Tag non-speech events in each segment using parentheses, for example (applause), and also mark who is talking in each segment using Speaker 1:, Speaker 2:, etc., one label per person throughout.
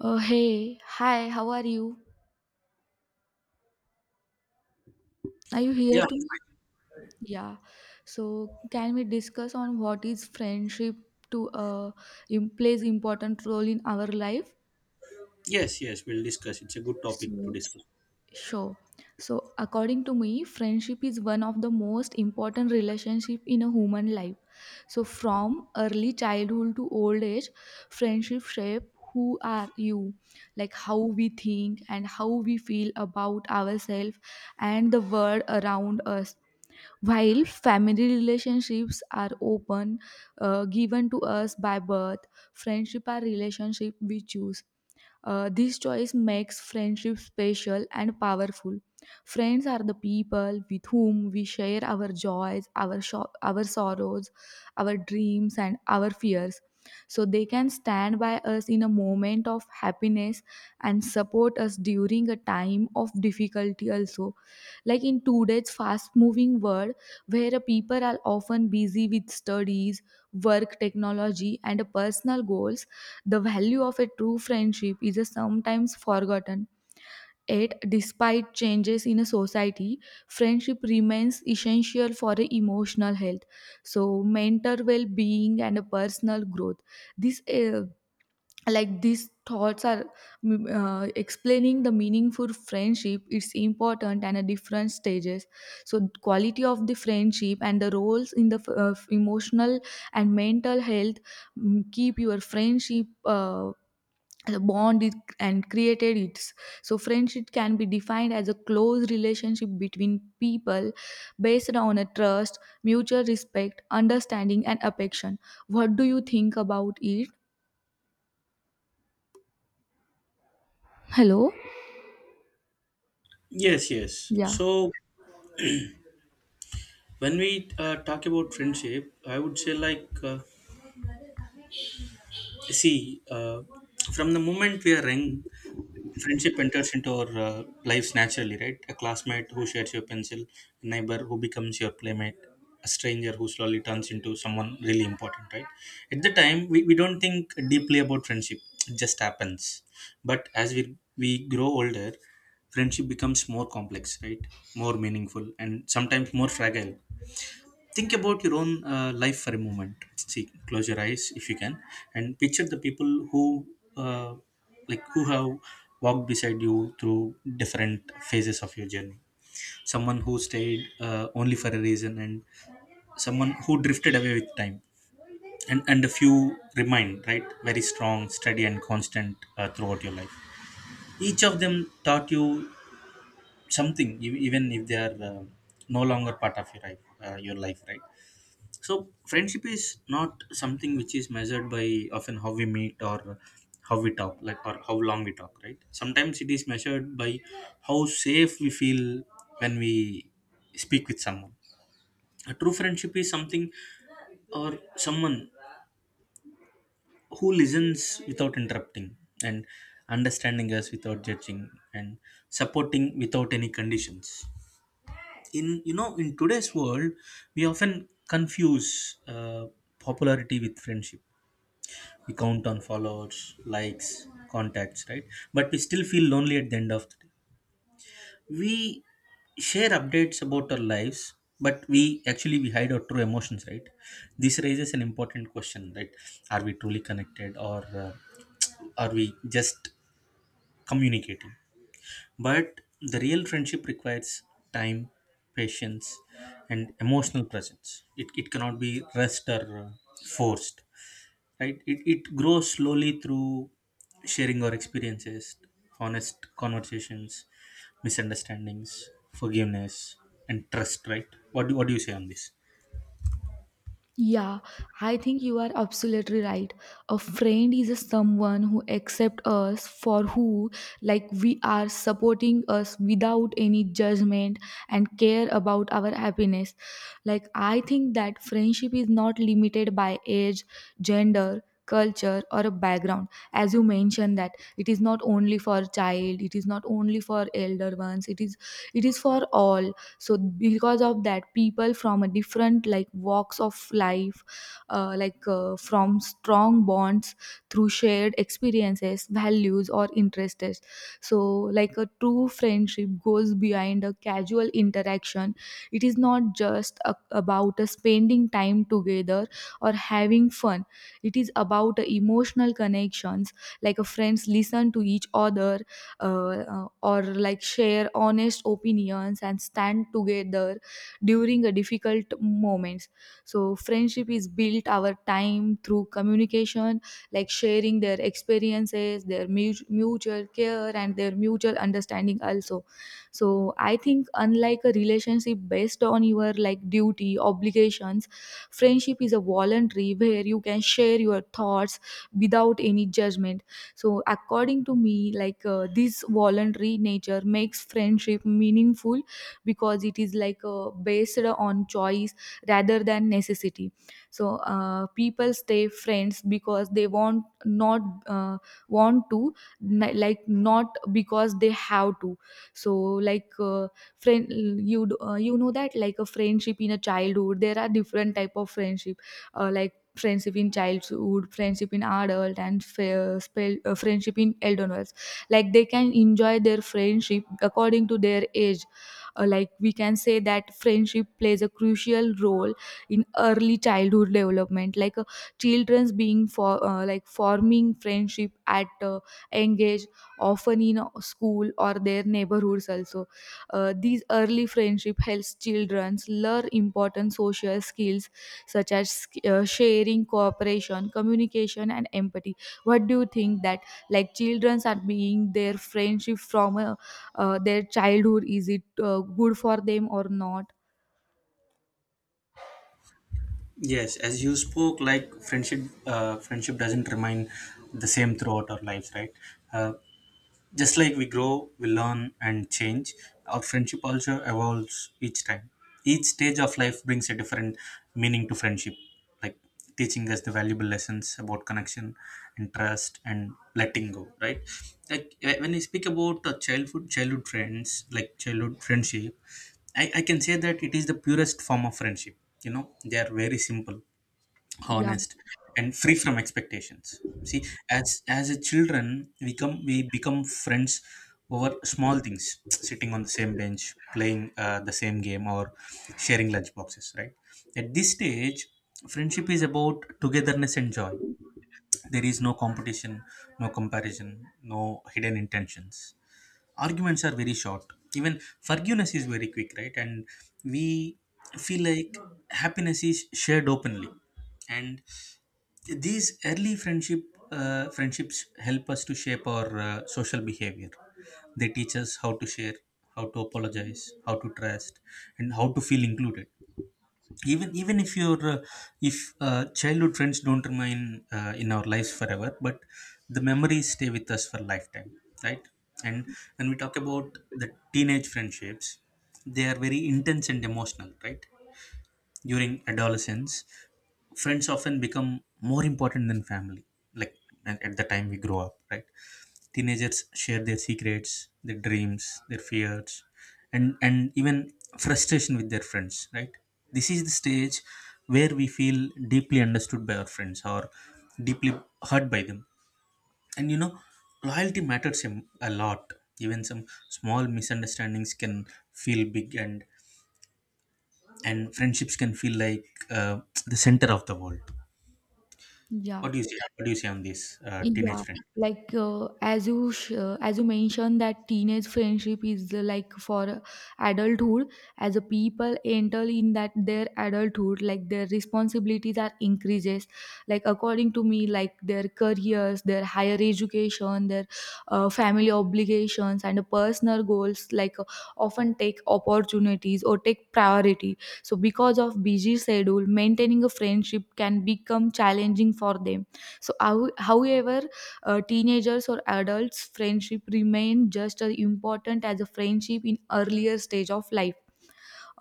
Speaker 1: Hey, hi, how are you? Are you here
Speaker 2: Yeah,
Speaker 1: to me? Yeah. So, can we discuss on what is friendship to im- plays important role in our life?
Speaker 2: yes, we'll discuss. It's a good topic to
Speaker 1: So,
Speaker 2: discuss.
Speaker 1: sure. So, according to me, friendship is one of the most important relationship in a human life. So, from early childhood to old age, friendship shape who are you, like how we think and how we feel about ourselves and the world around us. While family relationships are open, given to us by birth, friendship are relationship we choose. This choice makes friendship special and powerful. Friends are the people with whom we share our joys, our sorrows, our dreams, and our fears. So they can stand by us in a moment of happiness and support us during a time of difficulty also, like in today's fast moving world where people are often busy with studies, work, technology, and personal goals, the value of a true friendship is a sometimes forgotten. Yet, despite changes in a society, friendship remains essential for a emotional health. So, mental well-being and a personal growth. This, uh, like these thoughts are explaining the meaningful friendship. It's important and a different stages. So, quality of the friendship and the roles in the emotional and mental health, keep your friendship, the bond it and created it. So friendship can be defined as a close relationship between people based on a trust, mutual respect, understanding, and affection. What do you think about it? Hello?
Speaker 2: Yes.
Speaker 1: Yeah.
Speaker 2: So when we talk about friendship, I would say see, uh, from the moment we are young, friendship enters into our lives naturally, right? A classmate who shares your pencil, a neighbor who becomes your playmate, a stranger who slowly turns into someone really important, right? At the time, we don't think deeply about friendship, it just happens. But as we grow older, friendship becomes more complex, right? More meaningful, and sometimes more fragile. Think about your own life for a moment. See, close your eyes if you can and picture the people who uh, like who have walked beside you through different phases of your journey. Someone who stayed only for a reason, and someone who drifted away with time, and a few remain, right? Very strong, steady and constant throughout your life. Each of them taught you something, even if they are no longer part of your life, right? So friendship is not something which is measured by often how we meet, or how we talk, like, or how long we talk, right? Sometimes it is measured by how safe we feel when we speak with someone. A true friendship is something or someone who listens without interrupting, and understanding us without judging, and supporting without any conditions. In today's world, we often confuse popularity with friendship. We count on followers, likes, contacts, right? But we still feel lonely at the end of the day. We share updates about our lives, but we actually we hide our true emotions, right? This raises an important question, right? Are we truly connected, or uh, are we just communicating? But the real friendship requires time, patience and emotional presence. It cannot be rushed or forced, right? It grows slowly through sharing our experiences, honest conversations, misunderstandings, forgiveness and trust, right? What do you say on this?
Speaker 1: Yeah, I think you are absolutely right. A friend is a someone who accepts us for who, like we are, supporting us without any judgment and care about our happiness. Like I think that friendship is not limited by age, gender, culture, or a background. As you mentioned that it is not only for child, it is not only for elder ones, it is, it is for all. So because of that, people from a different like walks of life, from strong bonds through shared experiences, values, or interests. So like a true friendship goes behind a casual interaction. It is not just a, about a spending time together or having fun. It is about a emotional connections, like a friends listen to each other, uh, or like share honest opinions and stand together during a difficult moments. So friendship is built our time through communication, like sharing their experiences, their mutual care, and their mutual understanding also. So I think unlike a relationship based on your like duty obligations, friendship is a voluntary where you can share your thoughts without any judgment. So, according to me, this voluntary nature makes friendship meaningful because it is based on choice rather than necessity. So, people stay friends because they want, not uh, want to, like not because they have to. So, friend, you you know that like a friendship in a childhood, there are different type of friendship. Like friendship in childhood, friendship in adult, and friendship in elderness. Like they can enjoy their friendship according to their age. Like we can say that friendship plays a crucial role in early childhood development, children's being for like forming friendship at young age, often in school or their neighborhoods also. Uh, these early friendship helps children learn important social skills such as sharing, cooperation, communication, and empathy. What do you think that like children are being their friendship from their childhood? Is it good for them or not?
Speaker 2: Yes, as you spoke, like friendship, friendship doesn't remain the same throughout our lives, right? uh, Just like we grow, we learn and change, our friendship also evolves each time. Each stage of life brings a different meaning to friendship, like teaching us the valuable lessons about connection and trust and letting go, right? Like when I speak about childhood friends, like childhood friendship, I can say that it is the purest form of friendship. You know, they are very simple,
Speaker 1: Yeah,
Speaker 2: honest and free from expectations. See, as a children we come we become friends over small things, sitting on the same bench, playing the same game, or sharing lunch boxes, right? At this stage friendship is about togetherness and joy. There is no competition, no comparison, no hidden intentions. Arguments are very short, even forgiveness is very quick, right? And we feel like happiness is shared openly. And these early friendships help us to shape our social behavior. They teach us how to share, how to apologize, how to trust, and how to feel included. Even if your if childhood friends don't remain in our lives forever, but the memories stay with us for lifetime, right? And when we talk about the teenage friendships, they are very intense and emotional, right? During adolescence, friends often become more important than family, like at the time we grow up, right? Teenagers share their secrets, their dreams, their fears, and even frustration with their friends, right? This is the stage where we feel deeply understood by our friends, or deeply hurt by them. And you know, loyalty matters him a lot. Even some small misunderstandings can feel big, and friendships can feel like uh, the center of the world.
Speaker 1: yeah.
Speaker 2: What do you say? What do you say on this teenage
Speaker 1: Yeah,
Speaker 2: friend?
Speaker 1: as you mentioned that teenage friendship is like for adulthood. As a people enter in that their adulthood, like their responsibilities are increases. Like according to me, like their careers, their higher education, their family obligations and personal goals, often take opportunities or take priority. So because of busy schedule, maintaining a friendship can become challenging for them. So, how, however, teenagers or adults friendship remain just as important as a friendship in earlier stage of life.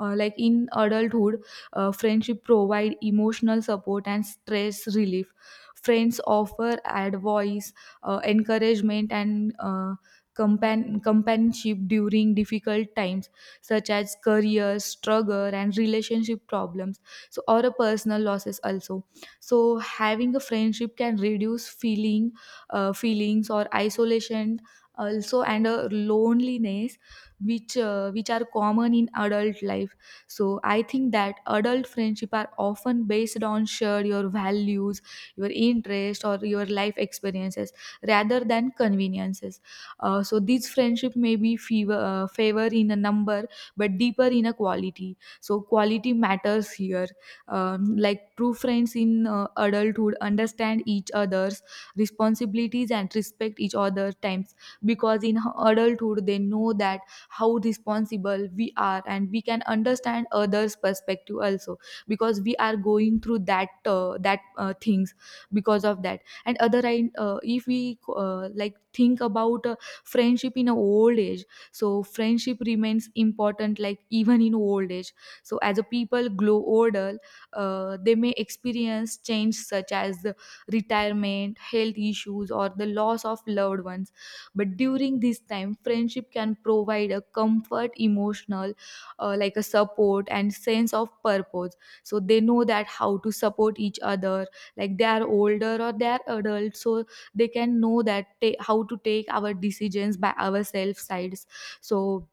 Speaker 1: Like in adulthood, friendship provide emotional support and stress relief. Friends offer advice, encouragement, and companionship during difficult times, such as career struggle and relationship problems. So, or a personal losses also. So, having a friendship can reduce feeling, feelings or isolation also, and a loneliness which are common in adult life. So I think that adult friendship are often based on shared your values, your interest, or your life experiences rather than conveniences. So these friendship may be fever, favor in a number but deeper in a quality. So quality matters here. Like true friends in adulthood understand each other's responsibilities and respect each other times. Because in adulthood they know that how responsible we are and we can understand others perspective also, because we are going through that things. Because of that and other end, if we like think about friendship in a old age. So friendship remains important like even in old age. So as a people grow older, they may experience change such as the retirement, health issues, or the loss of loved ones. But during this time friendship can provide a comfort, emotional, like a support and sense of purpose. So they know that how to support each other, like they are older or they are adult. So they can know that ta- how to take our decisions by ourselves sides. So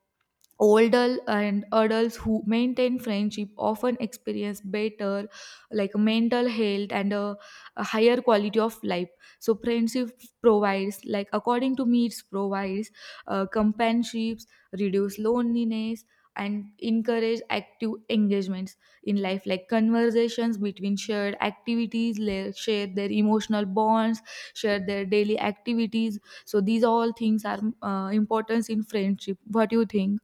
Speaker 1: older and adults who maintain friendship often experience better like mental health and a higher quality of life. So friendship provides, like according to me, it provides companionships, reduce loneliness, and encourage active engagements in life, like conversations between shared activities, share their emotional bonds, share their daily activities. So these all things are importance in friendship. What do you think?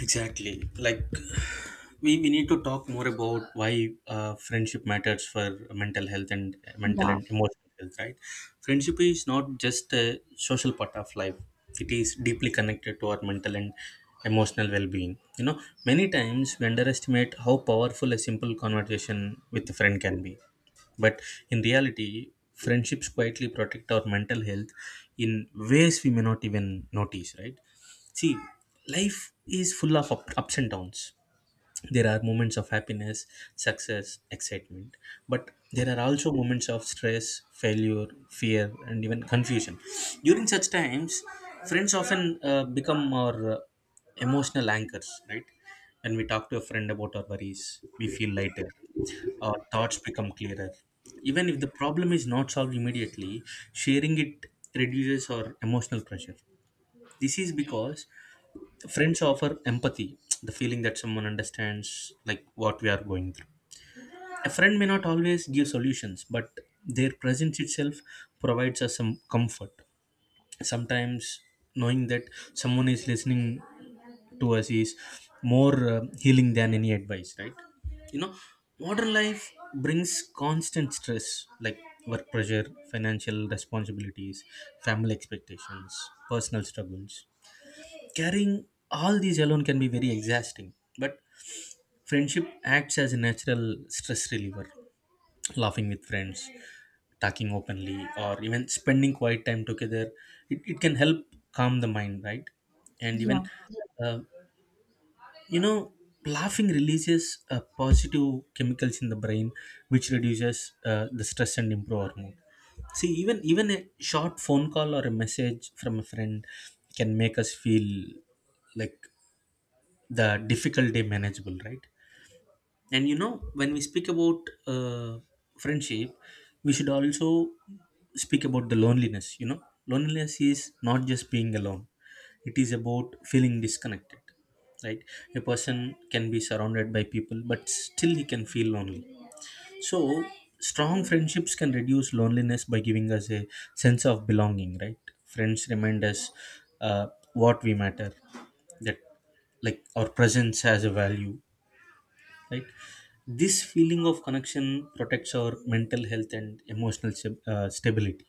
Speaker 2: Exactly. Like we need to talk more about why friendship matters for mental health and mental
Speaker 1: Я,
Speaker 2: and emotional health, right? Friendship is not just a social part of life. It is deeply connected to our mental and emotional well-being. You know, many times we underestimate how powerful a simple conversation with a friend can be. But in reality, friendships quietly protect our mental health in ways we may not even notice, right? See, life is full of ups and downs. There are moments of happiness, success, excitement, but there are also moments of stress, failure, fear, and even confusion. During such times, friends often become our emotional anchors, right? When we talk to a friend about our worries, we feel lighter, our thoughts become clearer. Even if the problem is not solved immediately, sharing it reduces our emotional pressure. This is because friends offer empathy, the feeling that someone understands like what we are going through. A friend may not always give solutions, but their presence itself provides us some comfort. Sometimes knowing that someone is listening to us is more healing than any advice, right? You know, modern life brings constant stress, like work pressure, financial responsibilities, family expectations, personal struggles. Carrying all these alone can be very exhausting, but friendship acts as a natural stress reliever. Laughing with friends, talking openly, or even spending quiet time together, it can help calm the mind, right? And
Speaker 1: я.
Speaker 2: uh, you know, laughing releases positive chemicals in the brain, which reduces the stress and improve our mood. See, even a short phone call or a message from a friend can make us feel like the difficulty manageable, right? And you know, when we speak about uh, friendship, we should also speak about the loneliness. You know, loneliness is not just being alone, it is about feeling disconnected, right? A person can be surrounded by people but still he can feel lonely. So, strong friendships can reduce loneliness by giving us a sense of belonging, right? Friends remind us uh, what we matter, that like our presence has a value, right? This feeling of connection protects our mental health and emotional stability.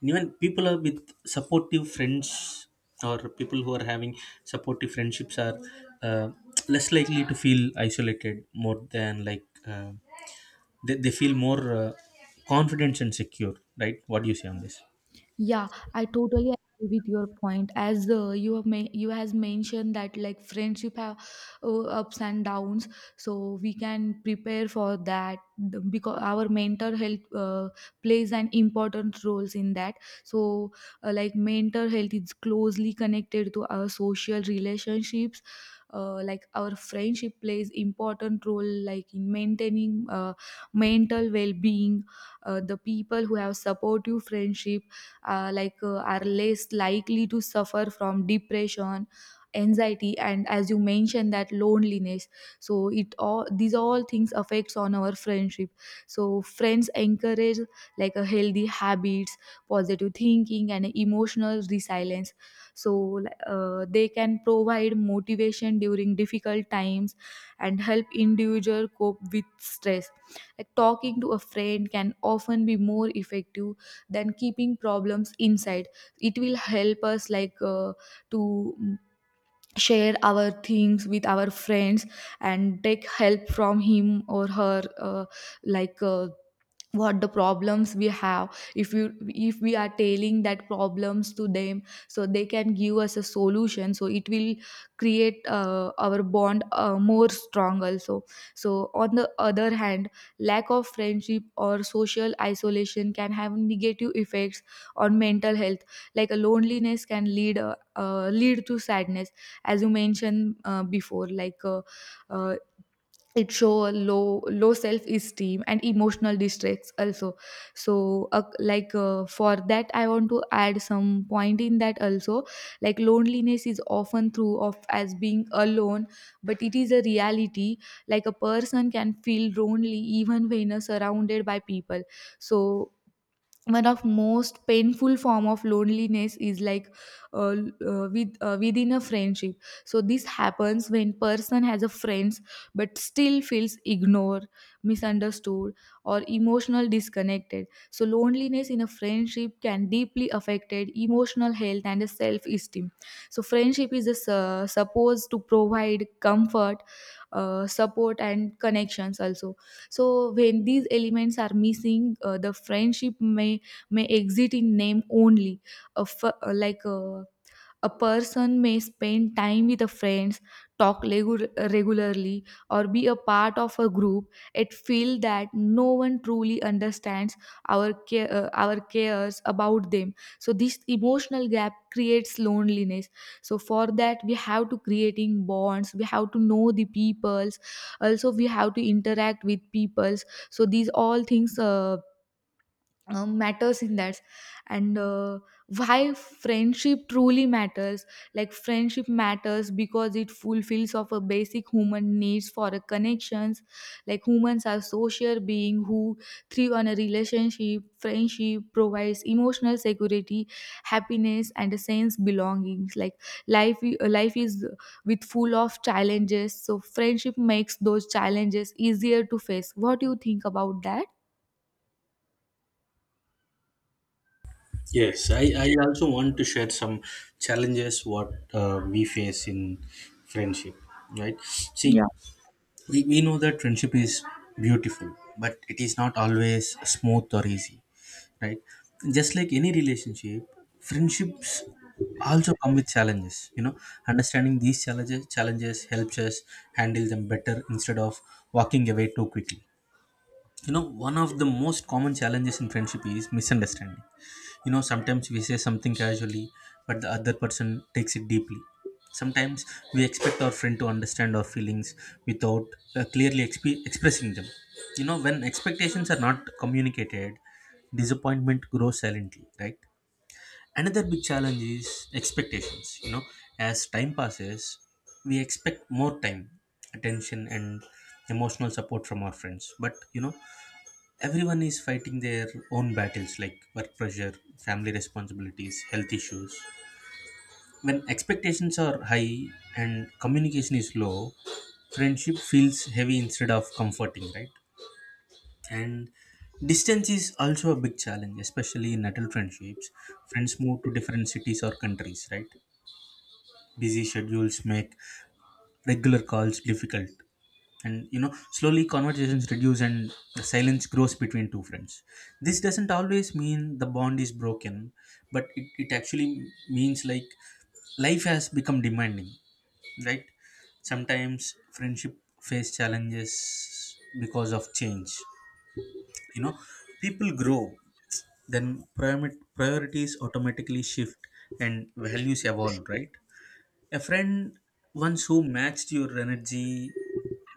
Speaker 2: And even people are with supportive friends, or people who are having supportive friendships, are uh, less likely to feel isolated more than like. They feel more confident and secure, right? What do you say on this?
Speaker 1: Yeah, I totally agree with your point. As you have you has mentioned that like friendship have ups and downs, so we can prepare for that because our mental health plays an important roles in that. So like mental health is closely connected to our social relationships. Like our friendship plays important role like in maintaining mental well-being. The people who have supportive friendship, are less likely to suffer from depression, anxiety, and as you mentioned that loneliness. So it, all these all things affects on our friendship. So friends encourage like a healthy habits, positive thinking, and emotional resilience. So they can provide motivation during difficult times and help individual cope with stress. Like talking to a friend can often be more effective than keeping problems inside. It will help us to share our things with our friends and take help from him or her, like uh, what the problems we have. If you, if we are telling that problems to them, so they can give us a solution. So it will create our bond more strong also. So on the other hand, lack of friendship or social isolation can have negative effects on mental health. Like a loneliness can lead lead to sadness, as you mentioned before, uh, it show a low, low self esteem and emotional distress also. So for that I want to add some point in that also. Like loneliness is often through of as being alone, but it is a reality. Like a person can feel lonely even when surrounded by people. So one of most painful form of loneliness is uh, within a friendship. So this happens when person has a friends but still feels ignored, misunderstood, or emotional disconnected. So loneliness in a friendship can deeply affected emotional health and self esteem. So friendship is a, supposed to provide comfort, support, and connections also. So when these elements are missing, the friendship may exist in name only. A f- like a person may spend time with a friends, talk regularly, or be a part of a group. It feel that no one truly understands our care, our cares about them. So this emotional gap creates loneliness. So for that, we have to creating bonds. We have to know the peoples. Also, we have to interact with peoples. So these all things. Matters in that and why friendship truly matters. Like friendship matters because it fulfills of a basic human needs for a connections. Like humans are social being who thrive on a relationship. Friendship provides emotional security, happiness and a sense belongings. Like life is with full of challenges, so friendship makes those challenges easier to face. What do you think about that?
Speaker 2: Yes, I also want to share some challenges what we face in friendship, right?
Speaker 1: Yeah.
Speaker 2: See, we know that friendship is beautiful, but it is not always smooth or easy, right? Just like any relationship, friendships also come with challenges, you know. Understanding these challenges helps us handle them better instead of walking away too quickly. You know, one of the most common challenges in friendship is misunderstanding. You know, sometimes we say something casually, but the other person takes it deeply. Sometimes we expect our friend to understand our feelings without clearly expressing them. You know, when expectations are not communicated, disappointment grows silently, right? Another big challenge is expectations. You know, as time passes, we expect more time, attention and emotional support from our friends. But you know, everyone is fighting their own battles, like work pressure, family responsibilities, health issues. When expectations are high and communication is low, friendship feels heavy instead of comforting, right? And distance is also a big challenge, especially in adult friendships. Friends move to different cities or countries, right? Busy schedules make regular calls difficult, and you know, slowly conversations reduce and the silence grows between two friends. This doesn't always mean the bond is broken, but it actually means like life has become demanding, right? Sometimes friendship face challenges because of change. You know, people grow, then priorities automatically shift, and values evolve, right? A friend once who matched your energy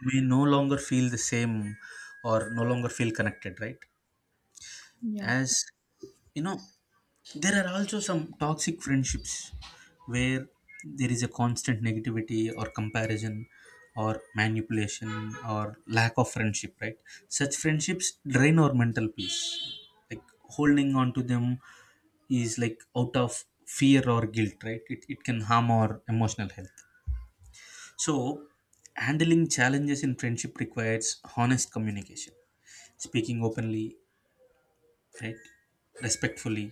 Speaker 2: may no longer feel the same, or no longer feel connected, right?
Speaker 1: Yeah.
Speaker 2: As you know, there are also some toxic friendships where there is a constant negativity, or comparison, or manipulation, or lack of friendship, right? Such friendships drain our mental peace. Like holding on to them is like out of fear or guilt, right? It can harm our emotional health. So handling challenges in friendship requires honest communication, speaking openly, right? Respectfully.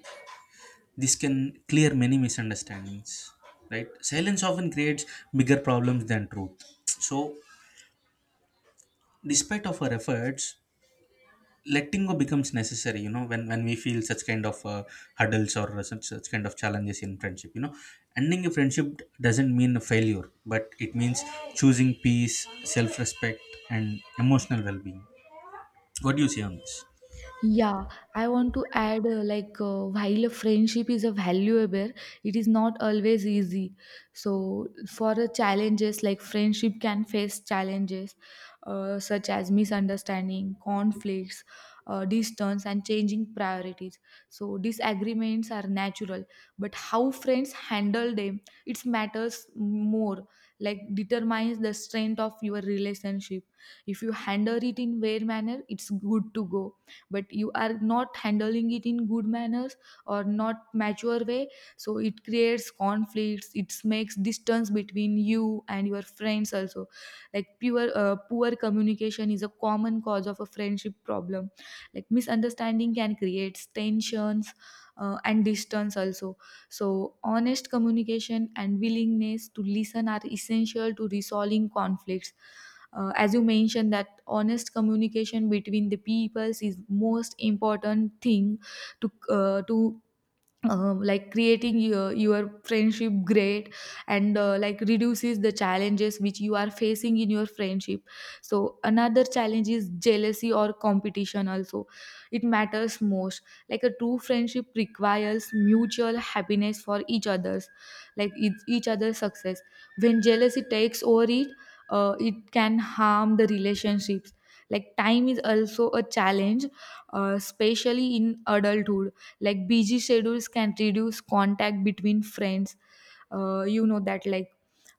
Speaker 2: This can clear many misunderstandings, right? Silence often creates bigger problems than truth. So, despite of our efforts, letting go becomes necessary. You know, when we feel such kind of hurdles, or such kind of challenges in friendship, you know, ending a friendship doesn't mean a failure, but it means choosing peace, self-respect, and emotional well-being. What do you say on this?
Speaker 1: Yeah, I want to add like while a friendship is a valuable, it is not always easy. So for the challenges, like friendship can face challenges such as misunderstanding, conflicts, distance, and changing priorities. So disagreements are natural, but how friends handle them it matters more. Like determines the strength of your relationship. If you handle it in fair manner, it's good to go, but you are not handling it in good manners or not mature way, so it creates conflicts. It makes distance between you and your friends also. Like pure poor communication is a common cause of a friendship problem. Like misunderstanding can create tensions, and distance also. So honest communication and willingness to listen are essential to resolving conflicts. As you mentioned that honest communication between the peoples is most important thing to like creating your friendship great, and like reduces the challenges which you are facing in your friendship. So another challenge is jealousy or competition also. It matters most. Like a true friendship requires mutual happiness for each other's, like each other's success. When jealousy takes over it, it can harm the relationships. Like time is also a challenge, especially in adulthood. Like busy schedules can reduce contact between friends. You know that like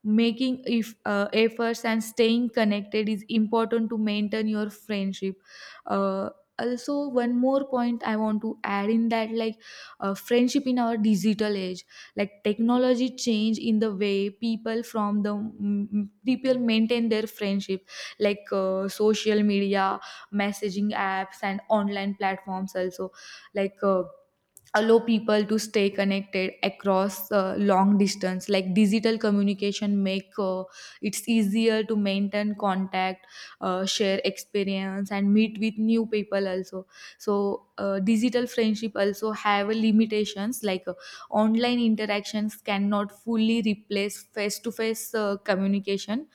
Speaker 1: making if efforts and staying connected is important to maintain your friendship. uh, Also, one more point I want to add in that, like, friendship in our digital age. Like technology change in the way people from the mm, mm, people maintain their friendship. Like social media, messaging apps and online platforms also, like uh, allow people to stay connected across long distance. Like digital communication make it's easier to maintain contact, share experience and meet with new people also. So digital friendship also have a limitations. Online interactions cannot fully replace face to face communication.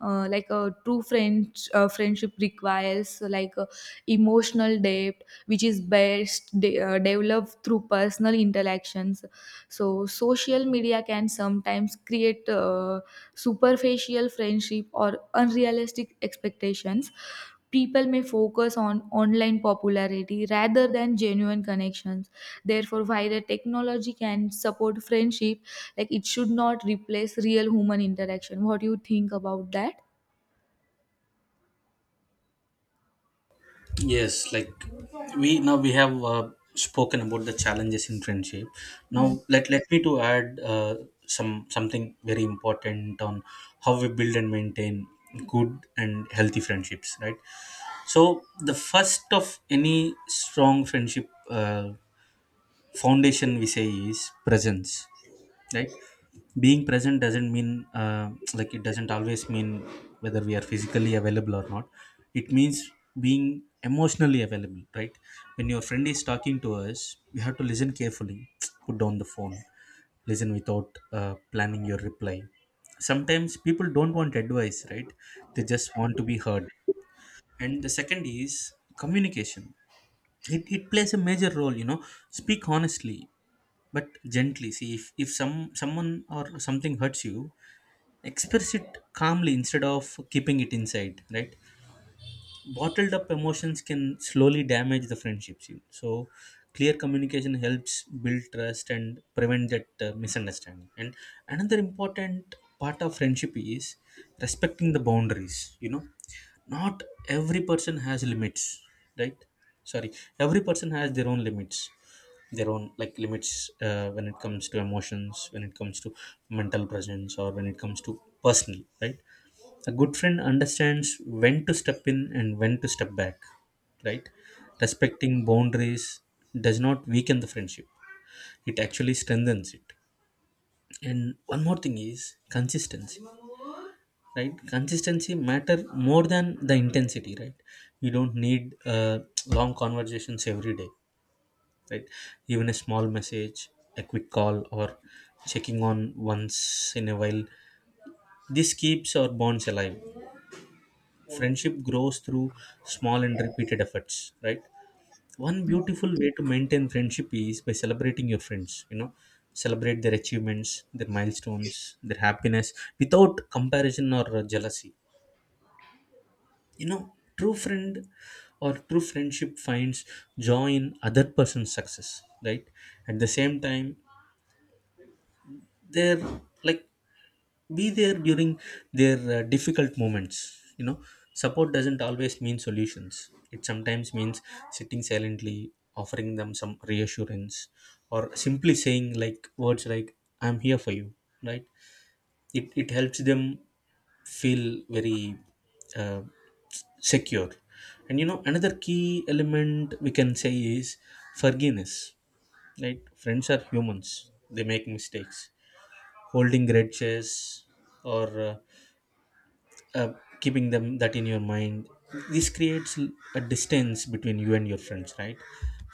Speaker 1: Like a true friend friendship requires emotional depth, which is best developed through personal interactions. So social media can sometimes create superficial friendship or unrealistic expectations. People may focus on online popularity rather than genuine connections. Therefore, while the technology can support friendship, like it should not replace real human interaction. What do you think about that?
Speaker 2: Yes, like we now we have spoken about the challenges in friendship.
Speaker 1: Yeah.
Speaker 2: Now let me to add some something very important on how we build and maintain good and healthy friendships, right? So the first of any strong friendship foundation we say is presence, right? Being present doesn't mean , it doesn't always mean whether we are physically available or not. It means being emotionally available, right? When your friend is talking to us, you have to listen carefully, (tsk) put down the phone, listen without planning your reply. Sometimes people don't want advice, right? They just want to be heard. And the second is communication. It plays a major role, you know. Speak honestly but gently. See if someone or something hurts you, express it calmly instead of keeping it inside, right? Bottled up emotions can slowly damage the friendships you. So clear communication helps build trust and prevent that misunderstanding. And another important part of friendship is respecting the boundaries, you know. Not every person has limits, right? Sorry, every person has their own limits, their own like limits, when it comes to emotions, when it comes to mental presence, or when it comes to personal, right? A good friend understands when to step in and when to step back, right? Respecting boundaries does not weaken the friendship, it actually strengthens it. And one more thing is consistency, right? Consistency matter more than the intensity, right? You don't need long conversations every day, right? Even a small message, a quick call, or checking on once in a while. This keeps our bonds alive. Friendship grows through small and repeated efforts, right? One beautiful way to maintain friendship is by celebrating your friends, you know. Celebrate their achievements, their milestones, their happiness without comparison or jealousy. You know, true friendship finds joy in other person's success, right? At the same time, they're like, be there during their difficult moments, you know. Support doesn't always mean solutions. It sometimes means sitting silently, offering them some reassurance, or simply saying like words like, "I'm here for you," right? It helps them feel very uh, secure. And you know, another key element we can say is forgiveness, right? Friends are humans, they make mistakes. Holding grudges or uh, keeping them that in your mind, this creates a distance between you and your friends, right?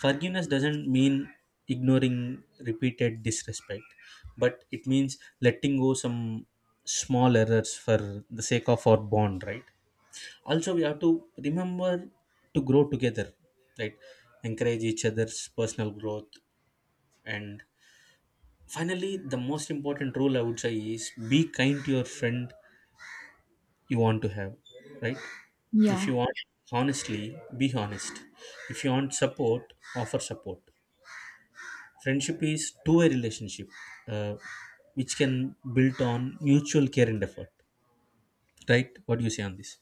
Speaker 2: Forgiveness doesn't mean ignoring repeated disrespect, but it means letting go some small errors for the sake of our bond, right? Also, we have to remember to grow together, right? Encourage each other's personal growth. And finally, the most important rule I would say is be kind to your friend. You want to have, right? If
Speaker 1: Yeah.
Speaker 2: you want honestly, be honest. If you want support, offer support. Friendship is two-way relationship, uh, which can build on mutual care and effort. Right? What do you say on this?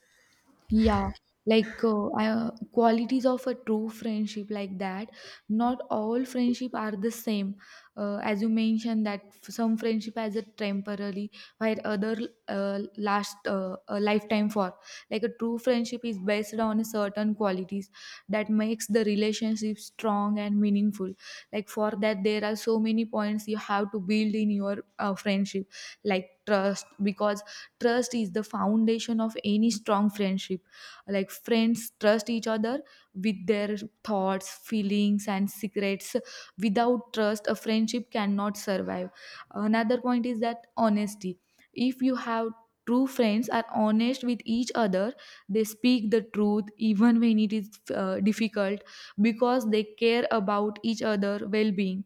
Speaker 1: Yeah, like qualities of a true friendship like that. Not all friendship are the same. As you mentioned that some friendship as a temporary, while other last a lifetime for. Like a true friendship is based on certain qualities that makes the relationship strong and meaningful. Like for that, there are so many points you have to build in your friendship, like trust, because trust is the foundation of any strong friendship. Like friends trust each other with their thoughts, feelings and secrets. Without trust a friendship cannot survive. Another point is that honesty. If you have true friends are honest with each other, they speak the truth even when it is difficult, because they care about each other well-being.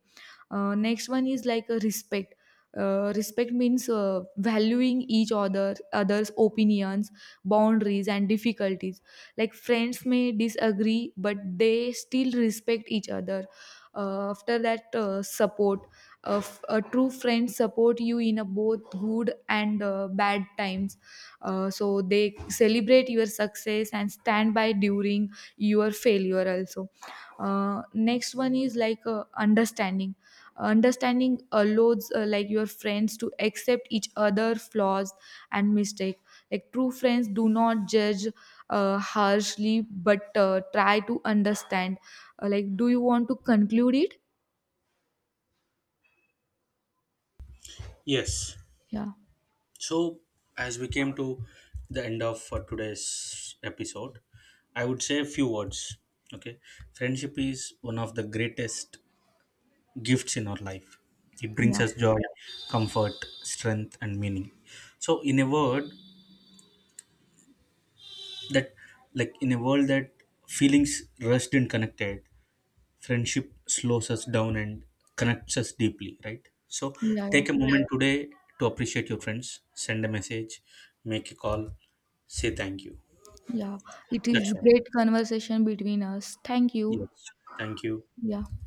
Speaker 1: Next one is like a respect. Respect means valuing each other's opinions, boundaries and difficulties. Like friends may disagree but they still respect each other. After that, support. A, a true friend support you in a both good and bad times. So they celebrate your success and stand by during your failure also. Next one is like understanding. Understanding allows like your friends to accept each other flaws and mistake. Like true friends do not judge harshly but try to understand. Like, do you want to conclude it?
Speaker 2: Yes.
Speaker 1: Yeah.
Speaker 2: So as we came to the end of today's episode, I would say a few words. Okay, friendship is one of the greatest gifts in our life. It brings
Speaker 1: Yeah.
Speaker 2: us joy, comfort, strength, and meaning. So, in a word, that like in a world that feelings rushed and connected, friendship slows us down and connects us deeply, right? So
Speaker 1: Yeah. Yeah.
Speaker 2: take a Yeah. moment today to appreciate your friends. Send a message, make a call, say thank you.
Speaker 1: Yeah, it
Speaker 2: That's
Speaker 1: is
Speaker 2: all.
Speaker 1: great conversation between us, thank you.
Speaker 2: Yes, thank you.
Speaker 1: Yeah.